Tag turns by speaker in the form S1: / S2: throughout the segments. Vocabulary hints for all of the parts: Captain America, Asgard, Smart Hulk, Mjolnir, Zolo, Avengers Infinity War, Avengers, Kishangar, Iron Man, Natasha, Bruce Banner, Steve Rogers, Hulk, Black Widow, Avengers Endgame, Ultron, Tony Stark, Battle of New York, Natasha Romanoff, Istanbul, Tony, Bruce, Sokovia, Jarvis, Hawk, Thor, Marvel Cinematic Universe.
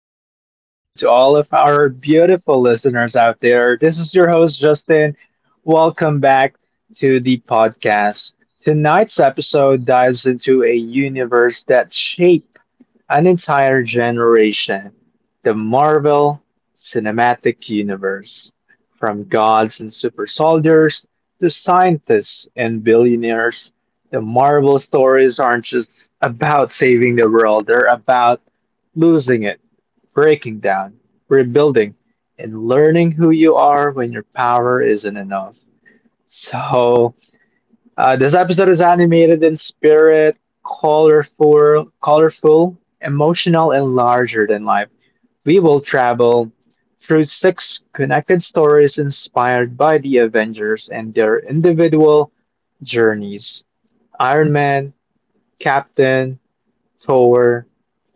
S1: welcome. Welcome to all of our beautiful listeners out there. This is your host, Justin. Welcome back to the podcast. Tonight's episode dives into a universe that shaped an entire generation, the Marvel Cinematic Universe, from gods and super soldiers to scientists and billionaires. The Marvel stories aren't just about saving the world, they're about losing it, breaking down, rebuilding, and learning who you are when your power isn't enough. So, this episode is animated in spirit, colorful, emotional, and larger than life. We will travel through six connected stories inspired by the Avengers and their individual journeys. Iron Man, Captain, Thor,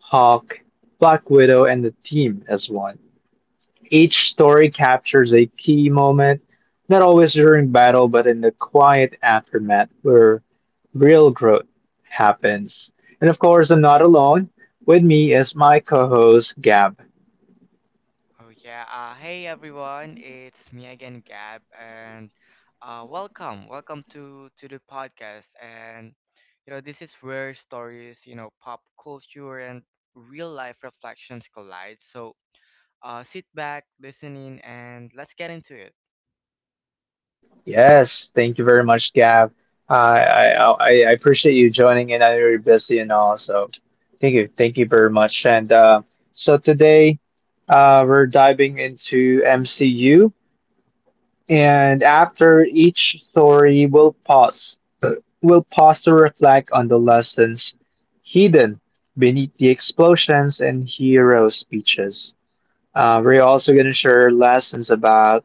S1: Hawk, Black Widow, and the team as one. Each story captures a key moment, not always during battle, but in the quiet aftermath where real growth happens. And of course, I'm not alone. With me is my co-host Gab.
S2: Oh yeah. Hey everyone, it's me again, Gab, and welcome to the podcast. And this is where stories, pop culture and real life reflections collide. So sit back, listen in, and let's get into it.
S1: Yes, thank you very much, Gab. Uh, I appreciate you joining in. I know you're busy and all, so thank you very much. And so today, we're diving into MCU. And after each story, we'll pause to reflect on the lessons hidden beneath the explosions and hero speeches. We're also going to share lessons about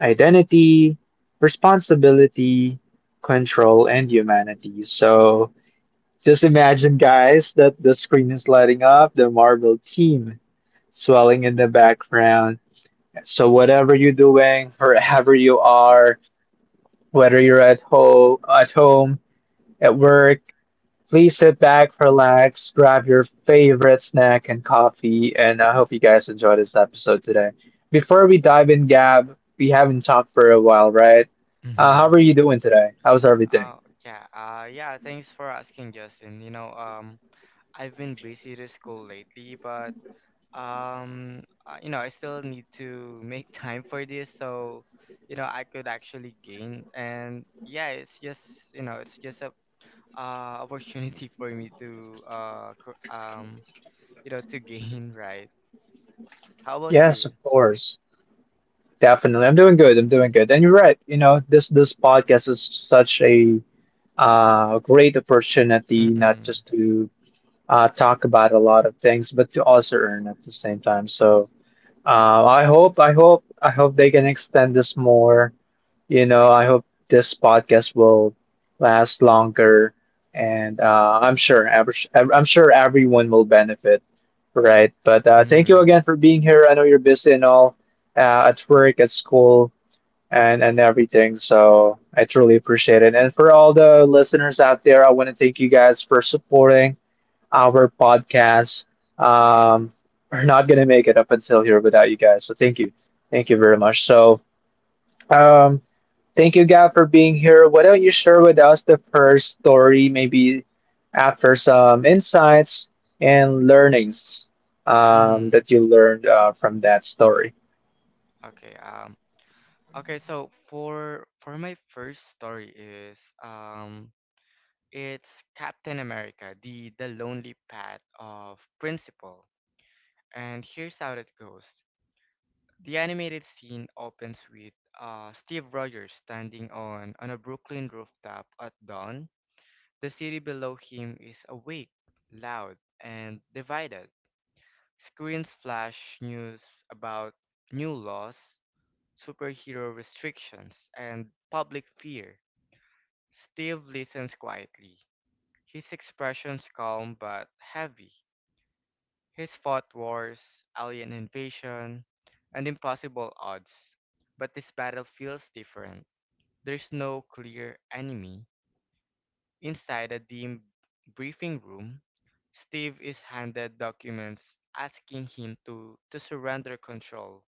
S1: identity, responsibility, control, and humanity. So just imagine, guys, that the screen is lighting up, the Marvel team swelling in the background. So whatever you're doing, wherever you are, whether you're at home, at work, please sit back, relax, grab your favorite snack and coffee, and I hope you guys enjoy this episode today. Before we dive in, Gab, we haven't talked for a while, right?
S2: Mm-hmm.
S1: How are you doing today? How's everything?
S2: Oh yeah. Yeah. Thanks for asking, Justin. I've been busy to school lately, but I still need to make time for this so I could actually gain and yeah it's just it's just a opportunity for me to to gain, right? How about
S1: Yes,
S2: you?
S1: of course, definitely. I'm doing good. I'm doing good, and you're right. You know, this podcast is such a great opportunity, not
S2: mm-hmm
S1: just to talk about a lot of things, but to also earn at the same time. So I hope they can extend this more. You know, I hope this podcast will last longer, and I'm sure everyone will benefit, right? But thank you
S2: mm-hmm
S1: again for being here. I know you're busy and all, at work, at school, and everything. So I truly appreciate it. And for all the listeners out there, I want to thank you guys for supporting our podcast. Um, we're not going to make it up until here without you guys. So thank you. Thank you very much. So um, thank you, God, for being here. Why don't you share with us the first story, maybe after some insights and learnings
S2: mm-hmm
S1: that you learned from that story?
S2: okay. Okay so for my first story is, um it's Captain America, the lonely path of principle, and here's how it goes. The animated scene opens with Steve Rogers standing on a Brooklyn rooftop at dawn. The city below him is awake, loud, and divided. Screens flash news about new laws, superhero restrictions, and public fear. Steve listens quietly, his expressions calm but heavy. He's fought wars, alien invasion, and impossible odds. But this battle feels different. There's no clear enemy. Inside a dim briefing room, Steve is handed documents asking him to surrender control,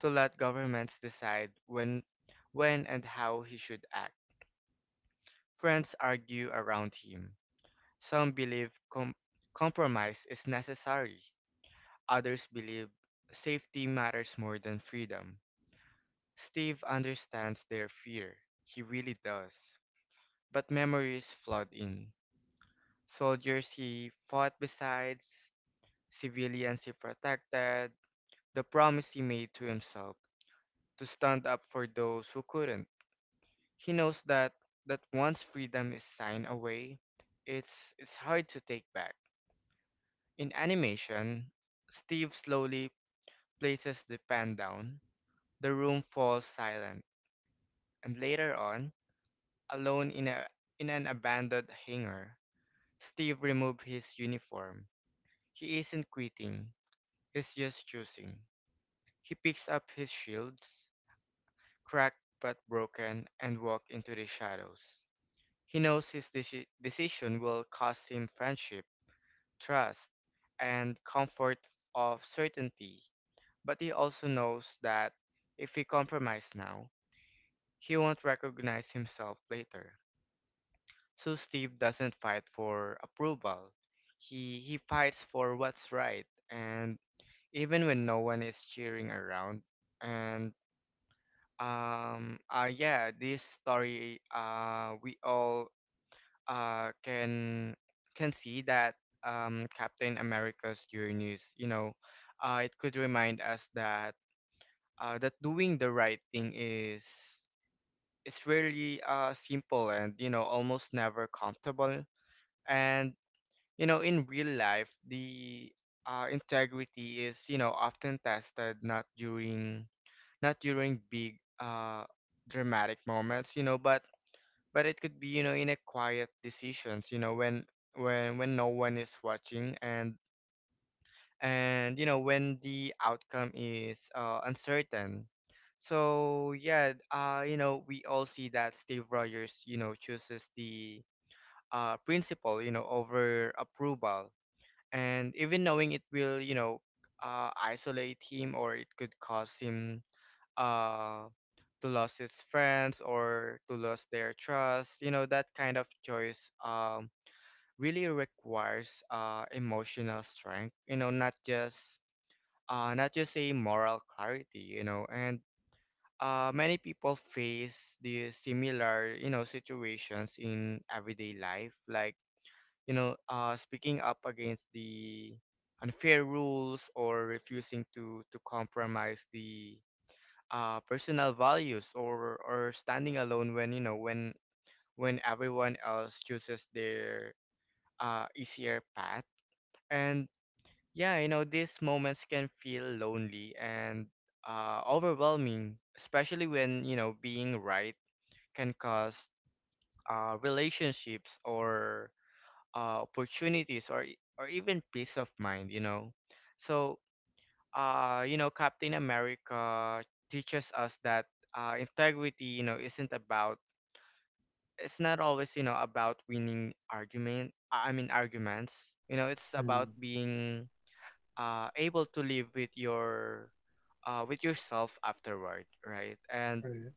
S2: to let governments decide when and how he should act. Friends argue around him. Some believe compromise is necessary. Others believe safety matters more than freedom. Steve understands their fear. He really does. But memory is flawed in. Soldiers he fought besides, civilians he protected, the promise he made to himself to stand up for those who couldn't. He knows that once freedom is signed away, it's hard to take back. In animation, Steve slowly places the pen down. The room falls silent. And later on, alone in an abandoned hangar, Steve removed his uniform. He isn't quitting, he's just choosing. He picks up his shields, cracked but broken, and walks into the shadows. He knows his decision will cost him friendship, trust, and comfort of certainty, but he also knows that if he compromises now, he won't recognize himself later. So Steve doesn't fight for approval. He fights for what's right, and even when no one is cheering around. And yeah, this story, we all uh can can see that, Captain America's journeys, it could remind us that doing the right thing is really simple and almost never comfortable. And in real life, the integrity is often tested, not during big dramatic moments, but it could be, in a quiet decisions, when when no one is watching, and when the outcome is uncertain. So yeah, we all see that Steve Rogers, chooses the principle over approval, and even knowing it will, isolate him, or it could cause him uh, to lose his friends or to lose their trust, that kind of choice, really requires emotional strength, not just a moral clarity, and many people face these similar, situations in everyday life, like, speaking up against the unfair rules, or refusing to compromise the personal values, or standing alone when, when everyone else chooses their easier path. And yeah, these moments can feel lonely and overwhelming, especially when, being right can cause relationships, or opportunities, or or even peace of mind, you know. So, Captain America teaches us that, integrity, isn't about, it's not always, about winning argument. I mean arguments. It's about
S1: Mm,
S2: being able to live with your with yourself afterward, right?
S1: right.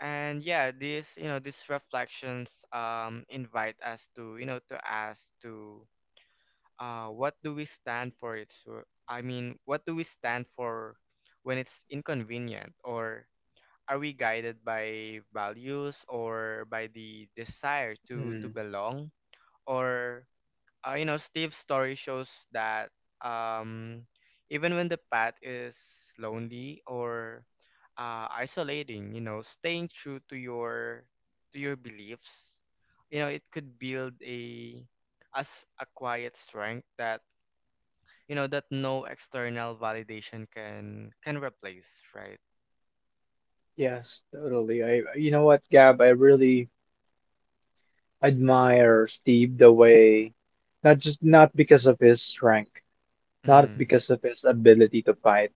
S2: And yeah, this you know these reflections invite us to, to ask to, what do we stand for it, so I mean, what do we stand for when it's inconvenient? Or are we guided by values or by the desire to
S1: Mm,
S2: belong? Or Steve's story shows that, um even when the path is lonely or isolating, staying true to your beliefs, it could build a, as a quiet strength that, that no external validation can replace, right?
S1: yes, totally. I, you know what, Gab, I really admire Steve the way, not because of his strength, not
S2: mm-hmm
S1: because of his ability to fight,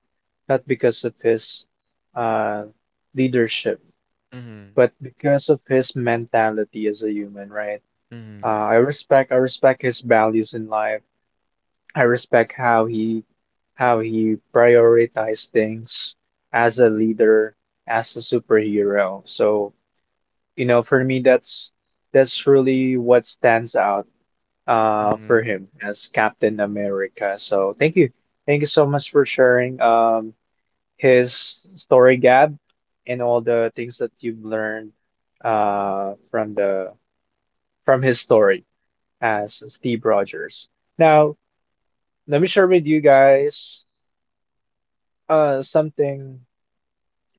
S1: not because of his uh, leadership,
S2: mm-hmm
S1: but because of his mentality as a human, right? I respect his values in life. I respect how he prioritized things as a leader, as a superhero. So, you know, for me that's really what stands out for
S2: mm-hmm
S1: him as Captain America. So thank you. Thank you so much for sharing his story, Gab, and all the things that you've learned from the from his story as Steve Rogers. Now, let me share with you guys something,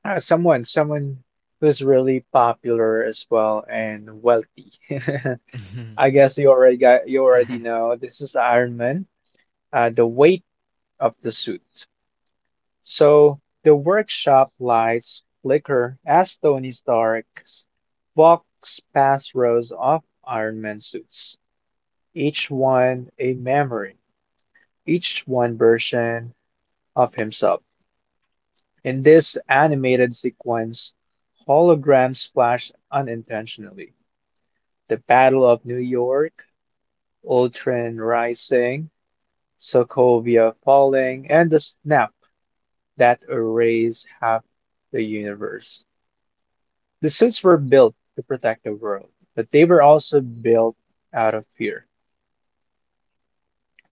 S1: someone who's really popular as well and wealthy. I guess you
S2: yeah mm-hmm
S1: already
S2: mm-hmm
S1: know, this is Iron Man, the weight of the suit. So the workshop lights flicker as Tony Stark walks past rows of Iron Man suits, each one a memory, each one version of himself. In this animated sequence, holograms flash unintentionally. The Battle of New York, Ultron rising, Sokovia falling, and the snap that erased half the universe. The suits were built to protect the world, but they were also built out of fear.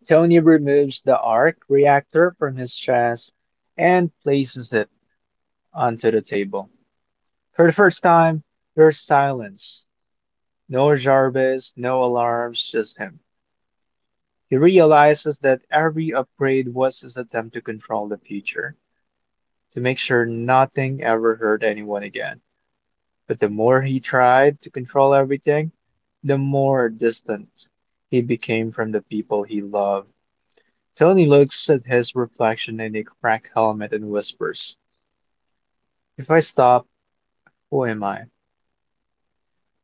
S1: Tony removes the arc reactor from his chest and places it onto the table. For the first time, there's silence. No Jarvis, no alarms, just him. He realizes that every upgrade was his attempt to control the future, to make sure nothing ever hurt anyone again. But the more he tried to control everything, the more distant he became from the people he loved. Tony looks at his reflection in a cracked helmet and whispers, "If I stop, who am I?"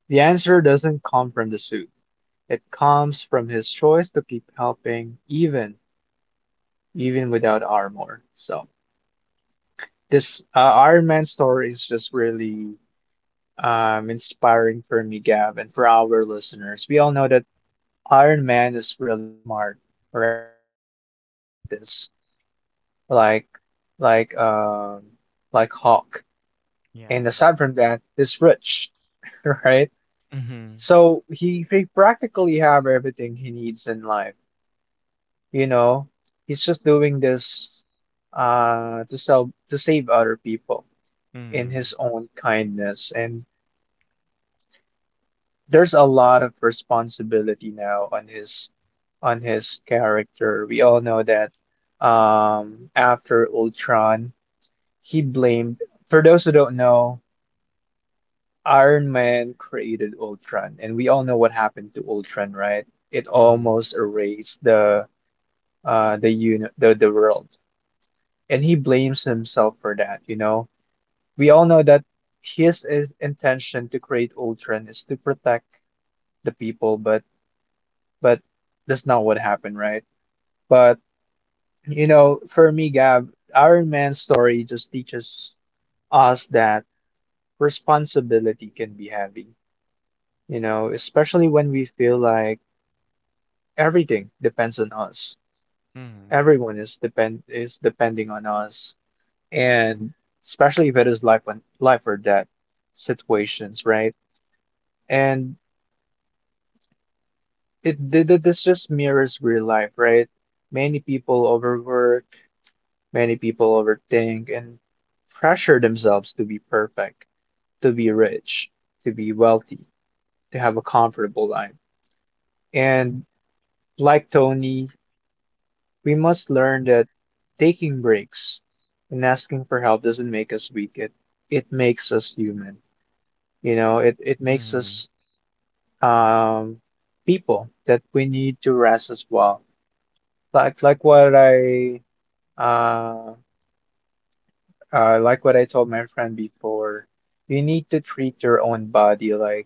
S1: The answer doesn't come from the suit. It comes from his choice to keep helping, even without armor. So this Iron Man story is just really inspiring for me, Gab, and for our listeners. We all know that Iron Man is really smart, right? He's a
S2: mm-hmm
S1: scientist, like like um like Hawk. And
S2: yeah
S1: aside from that, he's rich, right?
S2: mm-hmm
S1: So he practically have everything he needs in life, you know? He's just doing this to save other people in
S2: mm-hmm
S1: his own kindness, and there's a lot of responsibility now on his character. We all know that after Ultron, he blamed. For those who don't know, Iron Man created Ultron, and we all know what happened to Ultron, right? It almost erased the world, and he blames himself for that. You know, we all know that his intention to create Ultron is to protect the people, but that's not what happened, right? But you know, for me, Gab, Iron Man's story just teaches us that responsibility can be heavy, you know, especially when we feel like everything depends on us.
S2: mm-hmm mm-hmm
S1: Everyone is depending on us, and especially if it is life or death situations, right? And this just mirrors real life, right? Many people overwork, many people overthink and pressure themselves to be perfect, to be rich, to be wealthy, to have a comfortable life. And like Tony, we must learn that taking breaks and asking for help doesn't make us weak. It makes us human. You know, it makes
S2: mm-hmm
S1: us um people that we need to rest as well. Like like what I uh like what I told my friend before, you need to treat your own body like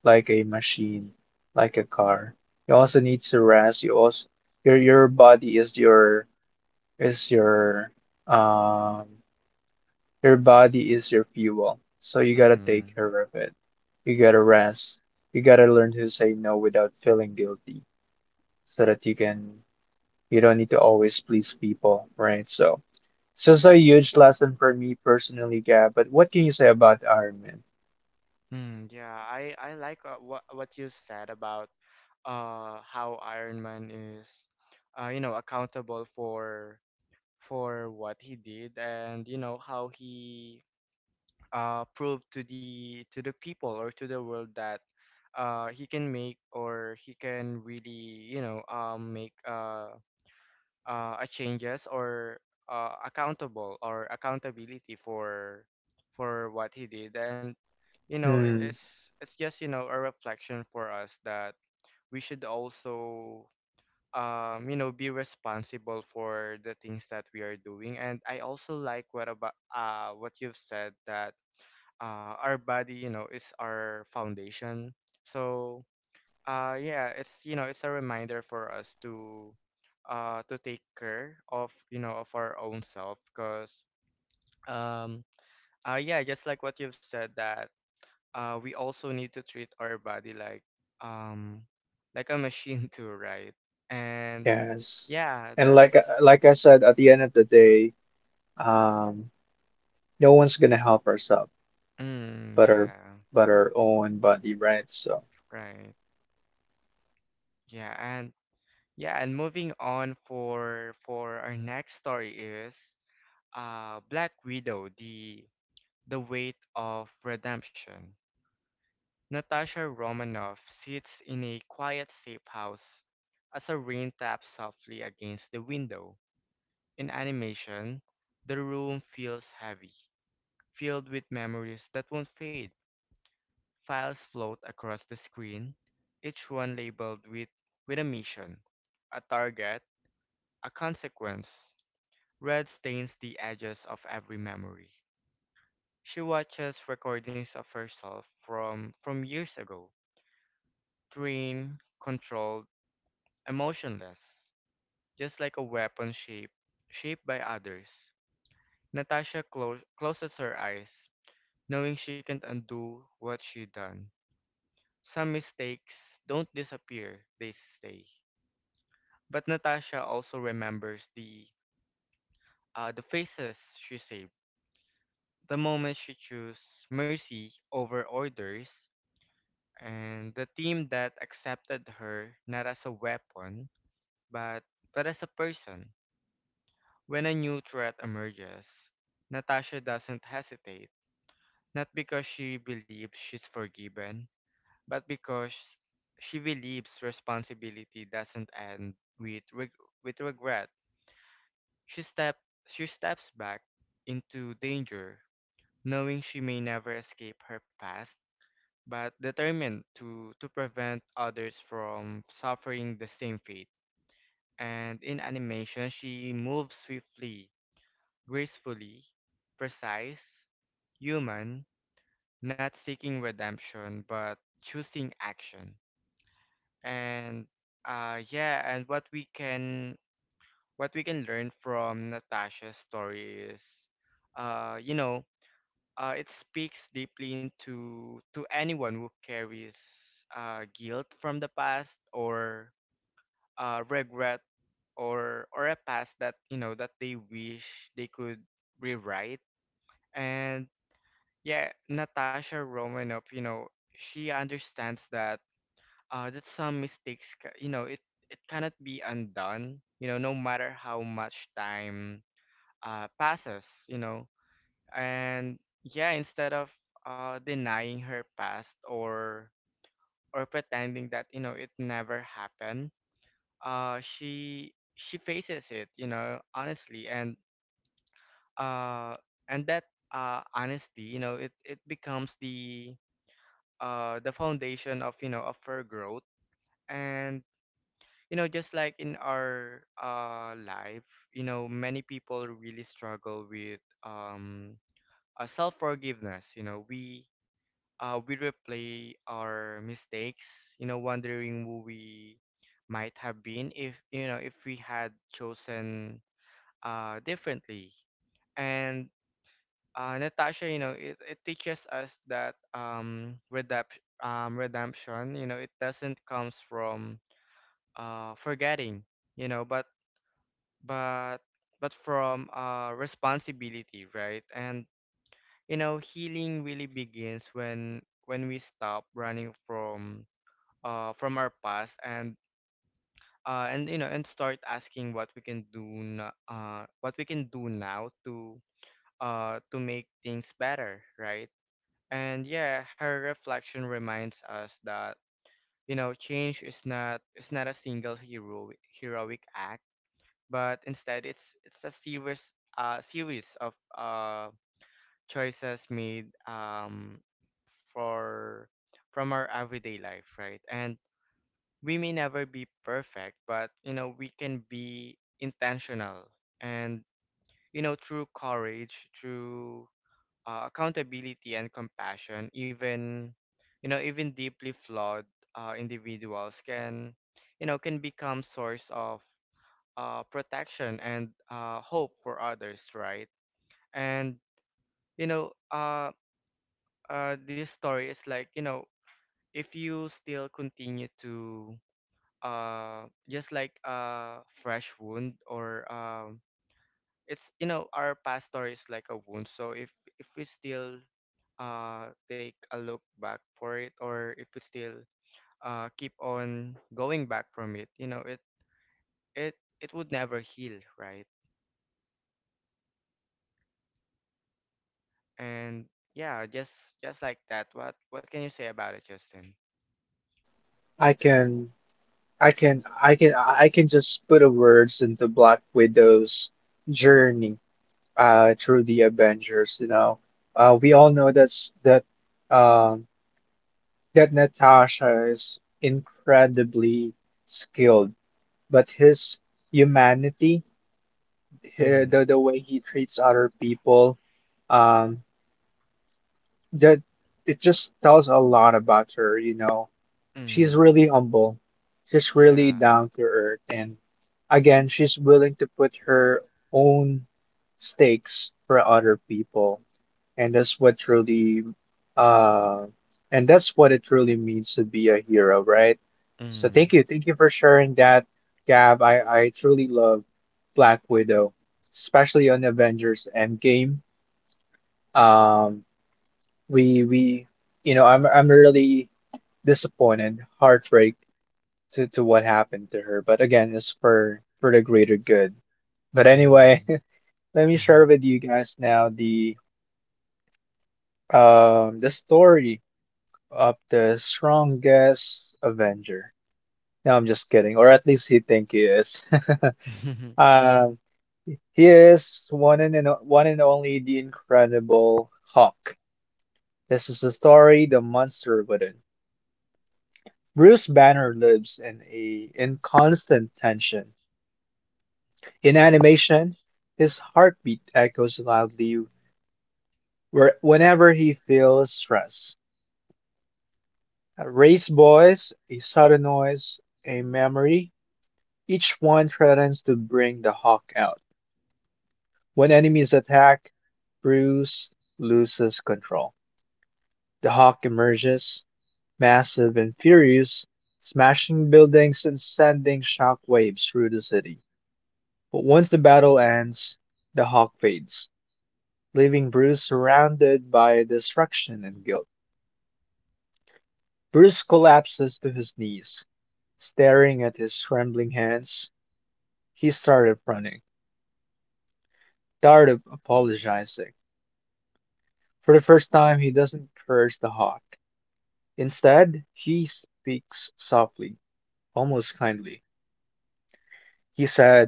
S1: like a machine, like a car. You also need to rest. Your body is your um is your fuel. So you gotta
S2: mm-hmm
S1: take care of it. You gotta rest. You gotta learn to say no without feeling guilty, so that you don't need to always please people, right? So. It's just a huge lesson for me personally, Gab. But what can you say about Iron Man?
S2: yeah, I like, what you said about how Iron Man is accountable for what he did, and how he prove to the people, or to the world, that he can make, or he can really, make, a changes, or accountable or accountability for what he did. And
S1: Hmm.
S2: it's just, a reflection for us that we should also, be responsible for the things that we are doing. And I also like what about what you've said that, our body, is our foundation. So, yeah, it's, it's a reminder for us to take care of, of our own self, cause, um, yeah, just like what you've said that, we also need to treat our body um, like a machine too, right? And
S1: Yes.
S2: yeah,
S1: And
S2: that's,
S1: like I said, at the end of the day, um, no one's gonna help ourselves
S2: mm,
S1: but our
S2: yeah,
S1: but our own body, right? So
S2: right, yeah, and, yeah, and moving on for our next story is, Black Widow, the weight of redemption. Natasha Romanoff sits in a quiet safe house as the rain taps softly against the window. In animation, the room feels heavy, filled with memories that won't fade. Files float across the screen, each one labeled with a mission, a target, a consequence. Red stains the edges of every memory. She watches recordings of herself from years ago, trained, controlled, emotionless, just like a weapon shaped by others. Natasha closes her eyes, knowing she can't undo what she done. Some mistakes don't disappear; they stay. But Natasha also remembers the, the faces she saved, the moments she chose mercy over orders, and the team that accepted her, not as a weapon, but but as a person. When a new threat emerges, Natasha doesn't hesitate, not because she believes she's forgiven, but because she believes responsibility doesn't end with reg- with regret. She step she steps back into danger, knowing she may never escape her past, but determined to prevent others from suffering the same fate. And in animation, she moves swiftly, gracefully, precise, human, not seeking redemption, but choosing action. And yeah, and what we can learn from Natasha's story is, uh, you know, it speaks deeply into to anyone who carries guilt from the past, or regret, or a past that, that they wish they could rewrite. And yeah, Natasha Romanoff, she understands that, that some mistakes, it it cannot be undone. You know, no matter how much time passes, you know. And yeah, instead of denying her past, or pretending that, it never happened, she faces it, honestly, uh and that honesty, it becomes the foundation of, of her growth. And just like in our life, many people really struggle with, a self forgiveness, you know. We we replay our mistakes, wondering who we might have been if, if we had chosen differently. And Natasha, it, it teaches us that, redemption, it doesn't comes from forgetting, you know, but but but from responsibility, right? And healing really begins when we stop running from, from our past, and and, and start asking what we can do, what we can do now to make things better, right? And yeah, her reflection reminds us that, change is not a single heroic act, but instead it's a series, series of, choices made, for from our everyday life, right? And we may never be perfect, but, we can be intentional. And, through courage, through accountability and compassion, even, even deeply flawed individuals can, can become source of protection and hope for others, right? And you know, uh, this story is like, if you still continue to just like a fresh wound. Or It's our past story is like a wound, so if we still take a look back for it, or if we still keep on going back from it, you know, it it would never heal, right? and yeah Just like that, what can you say about it, Justin?
S1: I can I can just put the words into Black Widow's journey through the Avengers, you know. We all know um that Natasha is incredibly skilled, but his humanity, he- the,
S2: Mm-hmm.
S1: the way he treats other people, um, that it just tells a lot about her, you know. She's
S2: Mm-hmm.
S1: really humble. She's really
S2: Yeah.
S1: down to earth. And again, she's willing to put her own stakes for other people. And that's what truly, uh, and that's what it truly means to be a hero, right? So thank you for sharing that, Gab. I truly love Black Widow, especially on Avengers Endgame. Um, we we, you know, I'm really disappointed, heartbreak to what happened to her. But again, it's for the greater good. But anyway,
S2: Mm-hmm.
S1: let me share
S2: Mm-hmm.
S1: with you guys now the story of the strongest Avenger. No, I'm just kidding. Or at least he think he is. Um, he is one and only the Incredible Hulk. This is the story the monster wouldn't. Bruce Banner lives in constant tension. In animation, his heartbeat echoes loudly whenever he feels stress. A raised voice, a sudden noise, a memory. Each one threatens to bring the Hawk out. When enemies attack, Bruce loses control. The Hawk emerges, massive and furious, smashing buildings and sending shockwaves through the city. But once the battle ends, the Hawk fades, leaving Bruce surrounded by destruction and guilt. Bruce collapses to his knees. Staring at his trembling hands, he started running, started apologizing. For the first time, he doesn't curse the hawk. Instead, he speaks softly, almost kindly. He said,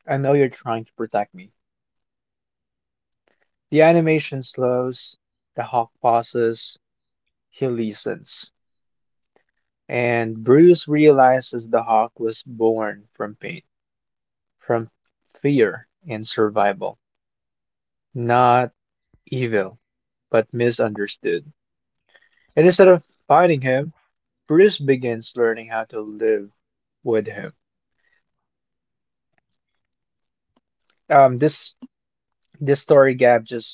S1: "I know you're trying to protect me." The animation slows, the hawk pauses, he listens. And Bruce realizes the hawk was born from pain, from fear and survival, not evil, but misunderstood. And instead of fighting him, Bruce begins learning how to live with him. um, this this story gap just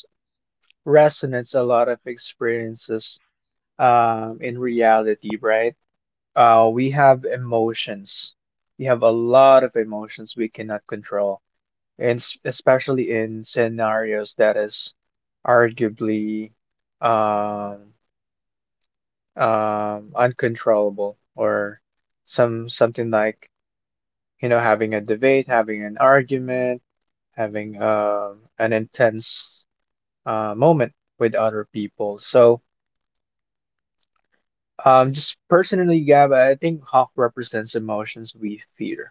S1: resonates a lot of experiences in reality, right? We have emotions. We have a lot of emotions we cannot control, and especially in scenarios that is arguably um, uncontrollable or something like you know having a debate, having an argument, having an intense moment with other people. Just personally, Gab, I think Hawk represents emotions we fear.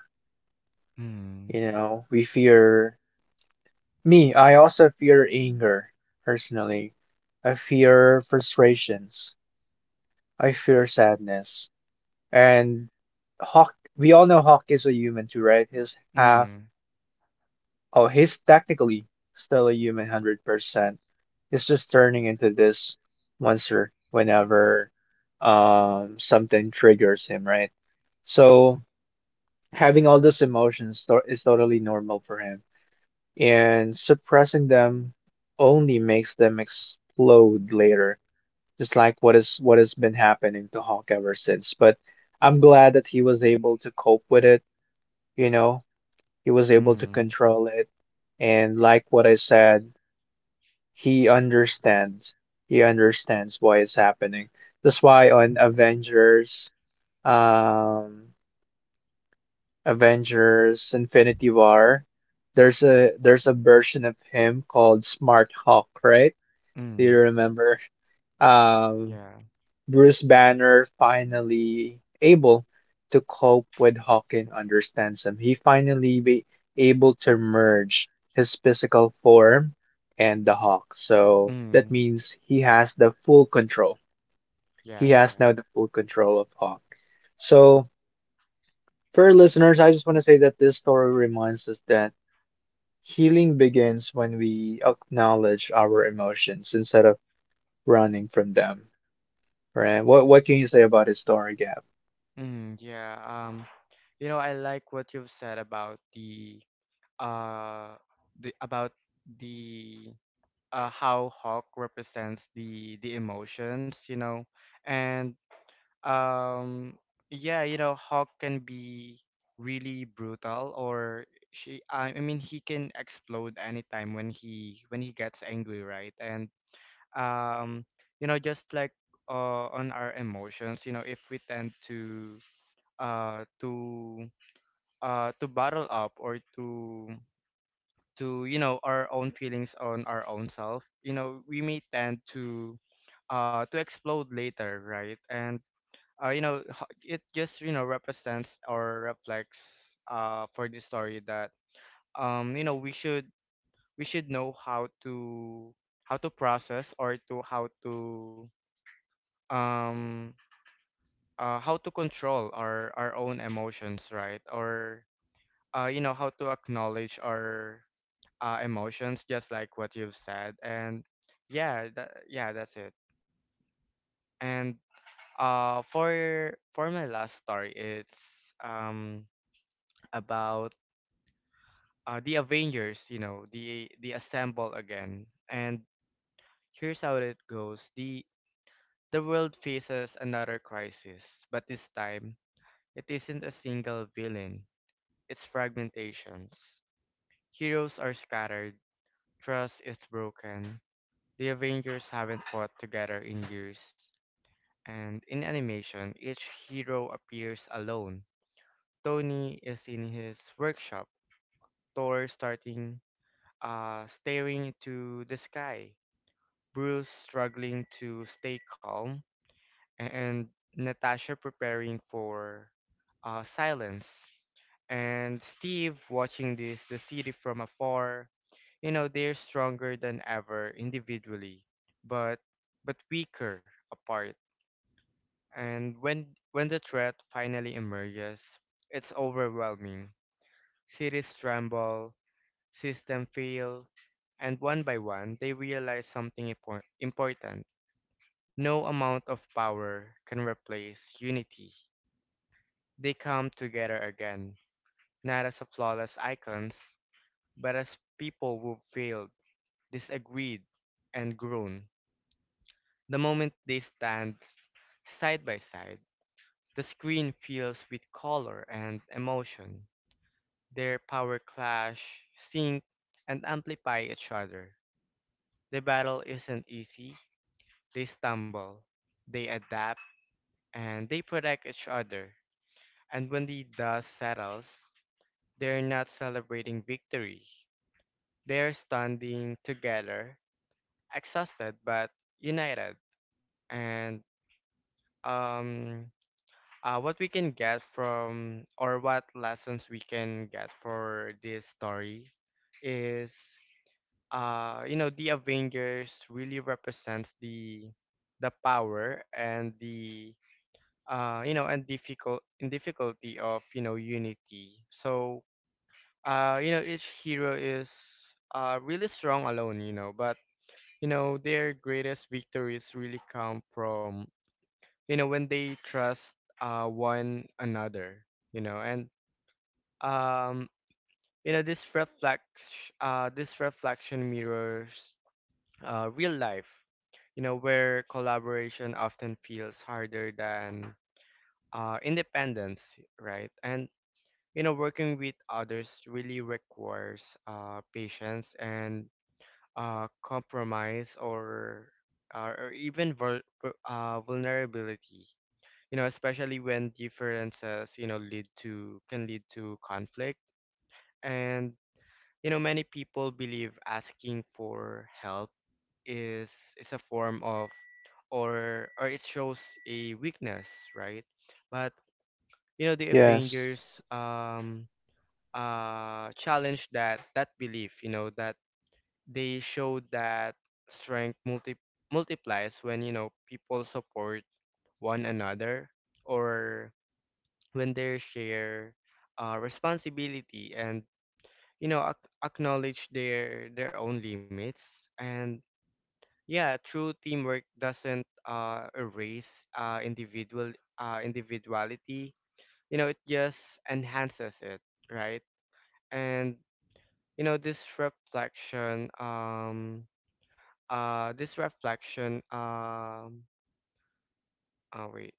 S2: Mm-hmm.
S1: You know, we fear me. I also fear anger personally. I fear frustrations. I fear sadness. And Hawk, we all know Hawk is a human too, right? He's half,
S2: Mm-hmm.
S1: oh, he's technically still a human 100%. He's just turning into this monster whenever something triggers him, right? So, having all those emotions is totally normal for him, and suppressing them only makes them explode later, just like what has been happening to Hawk ever since. But I'm glad that he was able to cope with it, you know, he was able to control it, and like what I said, he understands. He understands why it's happening. That's why on um Avengers Infinity War, there's a version of him called Smart Hawk, right? Do you
S2: Mm,
S1: remember? Um,
S2: yeah.
S1: Bruce Banner finally able to cope with Hawking, understands him. He finally be able to merge his physical form and the Hawk. So that
S2: Mm,
S1: means he has the full control. He
S2: yeah,
S1: has
S2: yeah.
S1: now the full control of Hawk. So for our listeners, I just want to say that this story reminds us that healing begins when we acknowledge our emotions instead of running from them, right? What can you say about this story, Gab?
S2: Mm, yeah. You know, I like what you've said about uh the about the how Hawk represents the emotions, you know. And um yeah, you know, Hawk can be really brutal, or she I mean he can explode anytime when he gets angry, right? And um you know, just like on our emotions, you know, if we tend to uh to to bottle up, or to you know, our own feelings on our own self, you know, we may tend to explode later, right? And you know, it just, you know, represents or reflects for the story that, you know, we should know how to process, or to um how to control our own emotions, right? Or you know, how to acknowledge our emotions, just like what you've said. Yeah, that's it. And for my last story, it's about the Avengers. You know, the assemble again. And here's how it goes. The world faces another crisis, but this time it isn't a single villain. Its fragmentations. Heroes are scattered, trust is broken, the Avengers haven't fought together in years, and in animation, each hero appears alone. Tony is in his workshop, Thor starting staring into the sky, Bruce struggling to stay calm, and Natasha preparing for silence, and Steve watching this the city from afar. You know, they're stronger than ever individually, but weaker apart. And when the threat finally emerges, it's overwhelming. Cities tremble, system fail, and one by one they realize something important. No amount of power can replace unity. They come together again, not as flawless icons, but as people who've failed, disagreed, and grown. The moment they stand side by side, the screen fills with color and emotion. Their power clash, sync, and amplify each other. The battle isn't easy. They stumble, they adapt, and they protect each other. And when the dust settles, they're not celebrating victory. They are standing together, exhausted but united. And um, what we can get from, or what lessons we can get for this story is, you know, the Avengers really represents the power and the, you know, and difficulty of, you know, unity. So you know, each hero is really strong alone, you know, but you know, their greatest victories really come from, you know, when they trust one another, you know. And um you know, this reflection mirrors real life, you know, where collaboration often feels harder than independence, right? And you know, working with others really requires patience and compromise, or even vulnerability. You know, especially when differences, you know, lead to can lead to conflict. And you know, many people believe asking for help is is a form of, or it shows a weakness, right? But you know, the
S1: Yes,
S2: Avengers, challenge that that belief. You know, that they showed that strength multi- multiplies when, you know, people support one another, or when they share responsibility, and you know, acknowledge their own limits. And yeah, true teamwork doesn't erase uh, individual individuality, you know, it just enhances it, right? And you know, this reflection, um oh wait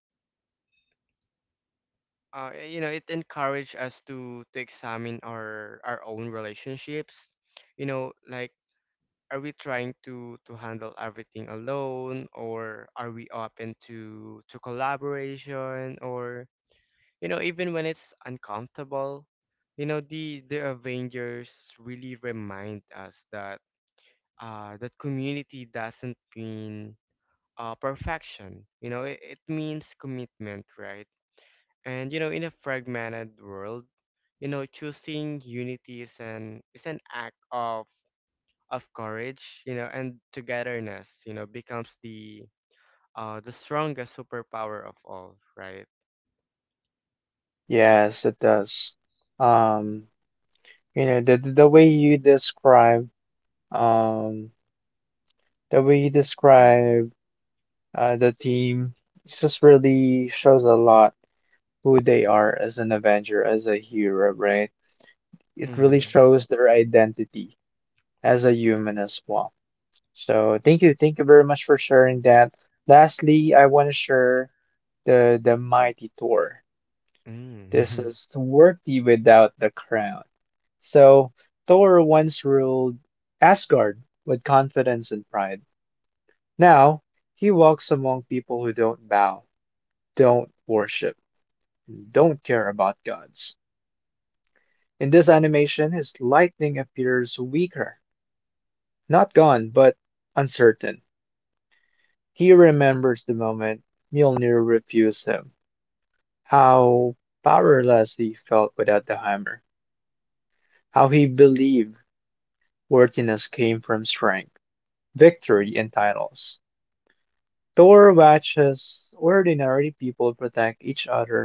S2: you know, it encouraged us to examine our own relationships, you know, like, are we trying to handle everything alone, or are we open to collaboration, or you know, even when it's uncomfortable. You know, the Avengers really remind us that that community doesn't mean perfection. You know, it means commitment, right? And you know, in a fragmented world, you know, choosing unity is an act of courage, you know, and togetherness, you know, becomes the strongest superpower of all, right?
S1: yes, it does. Um, you know, the way you describe um the way you describe the team, it just really shows a lot who they are as an Avenger, as a hero, right? It really
S2: Mm.
S1: shows their identity as a human as well. So thank you very much for sharing that. Lastly, I want to share the mighty Thor. This is
S2: Mm.
S1: worthy without the crown. So Thor once ruled Asgard with confidence and pride. Now he walks among people who don't bow, don't worship, don't care about gods. In this animation, his lightning appears weaker, not gone, but uncertain. He remembers the moment Mjolnir refused him, how powerless he felt without the hammer, how he believed worthiness came from strength, victory, and titles. Thor watches ordinary people protect each other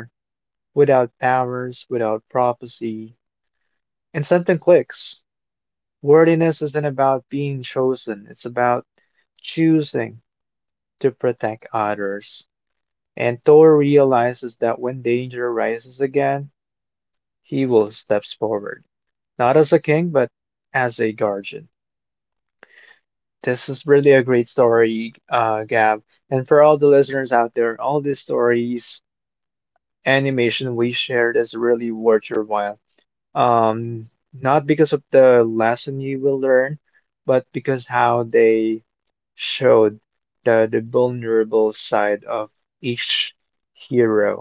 S1: without powers, without prophecy, and something clicks. Worthiness isn't about being chosen, it's about choosing to protect others. And Thor realizes that when danger rises again, Hewell steps forward, not as a king, but as a guardian. This is really a great story, Gab. And for all the listeners out there, all these stories, animation we shared is really worth your while. Um, Not because of the lesson you will learn, but because how they showed the vulnerable side of each hero.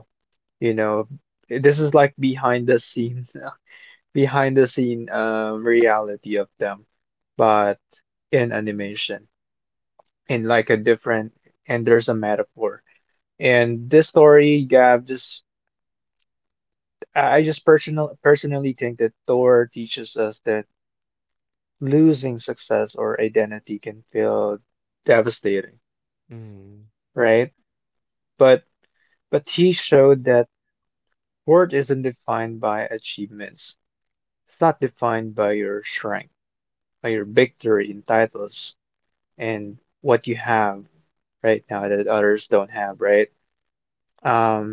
S1: You know, this is like behind the scene behind the scene, reality of them, but in animation, in like a different, and there's a metaphor. And this story, Gab, just I just personally think that Thor teaches us that losing success or identity can feel devastating,
S2: Mm.
S1: right? But but he showed that worth isn't defined by achievements. It's not defined by your strength, by your victory in titles and what you have right now that others don't have, right? Um,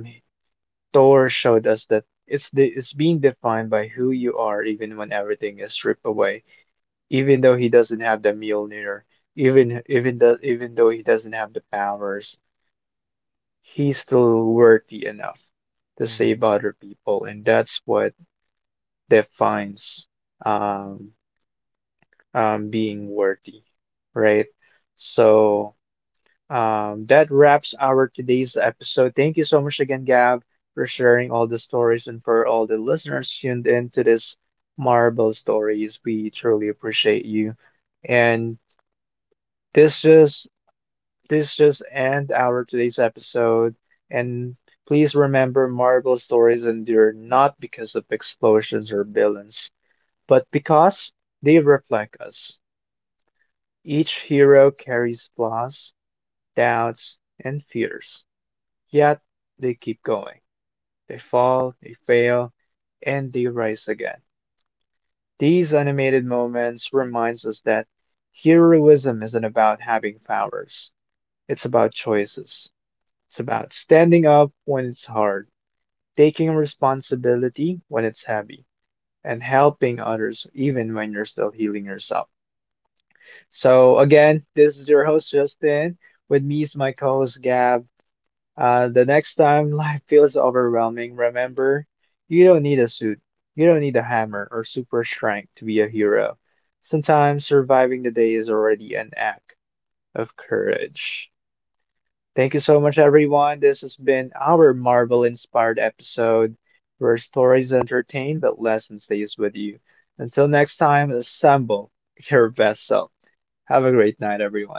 S1: Thor showed us that it's being defined by who you are, even when everything is stripped away. Even though he doesn't have the Mjolnir, even though he doesn't have the powers, he's still worthy enough to save
S2: Mm.
S1: other people, and that's what defines um, being worthy, right? So. That wraps our today's episode. Thank you so much again, Gab, for sharing all the stories, and for all the listeners tuned in to this Marvel Stories. We truly appreciate you. And this just this just end our today's episode. And please remember, Marvel stories endure not because of explosions or villains, but because they reflect us. Each hero carries flaws, doubts, and fears. Yet they keep going. They fall, they fail, and they rise again. These animated moments reminds us that heroism isn't about having powers. It's about choices. It's about standing up when it's hard, taking responsibility when it's heavy, and helping others even when you're still healing yourself. So again, this is your host Justin. With me is my co-host Gab. The next time life feels overwhelming, remember, you don't need a suit, you don't need a hammer or super strength to be a hero. Sometimes surviving the day is already an act of courage. Thank you so much, everyone. This has been our Marvel inspired episode where stories entertain but lesson stays with you. Until next time, assemble your best self. Have a great night, everyone.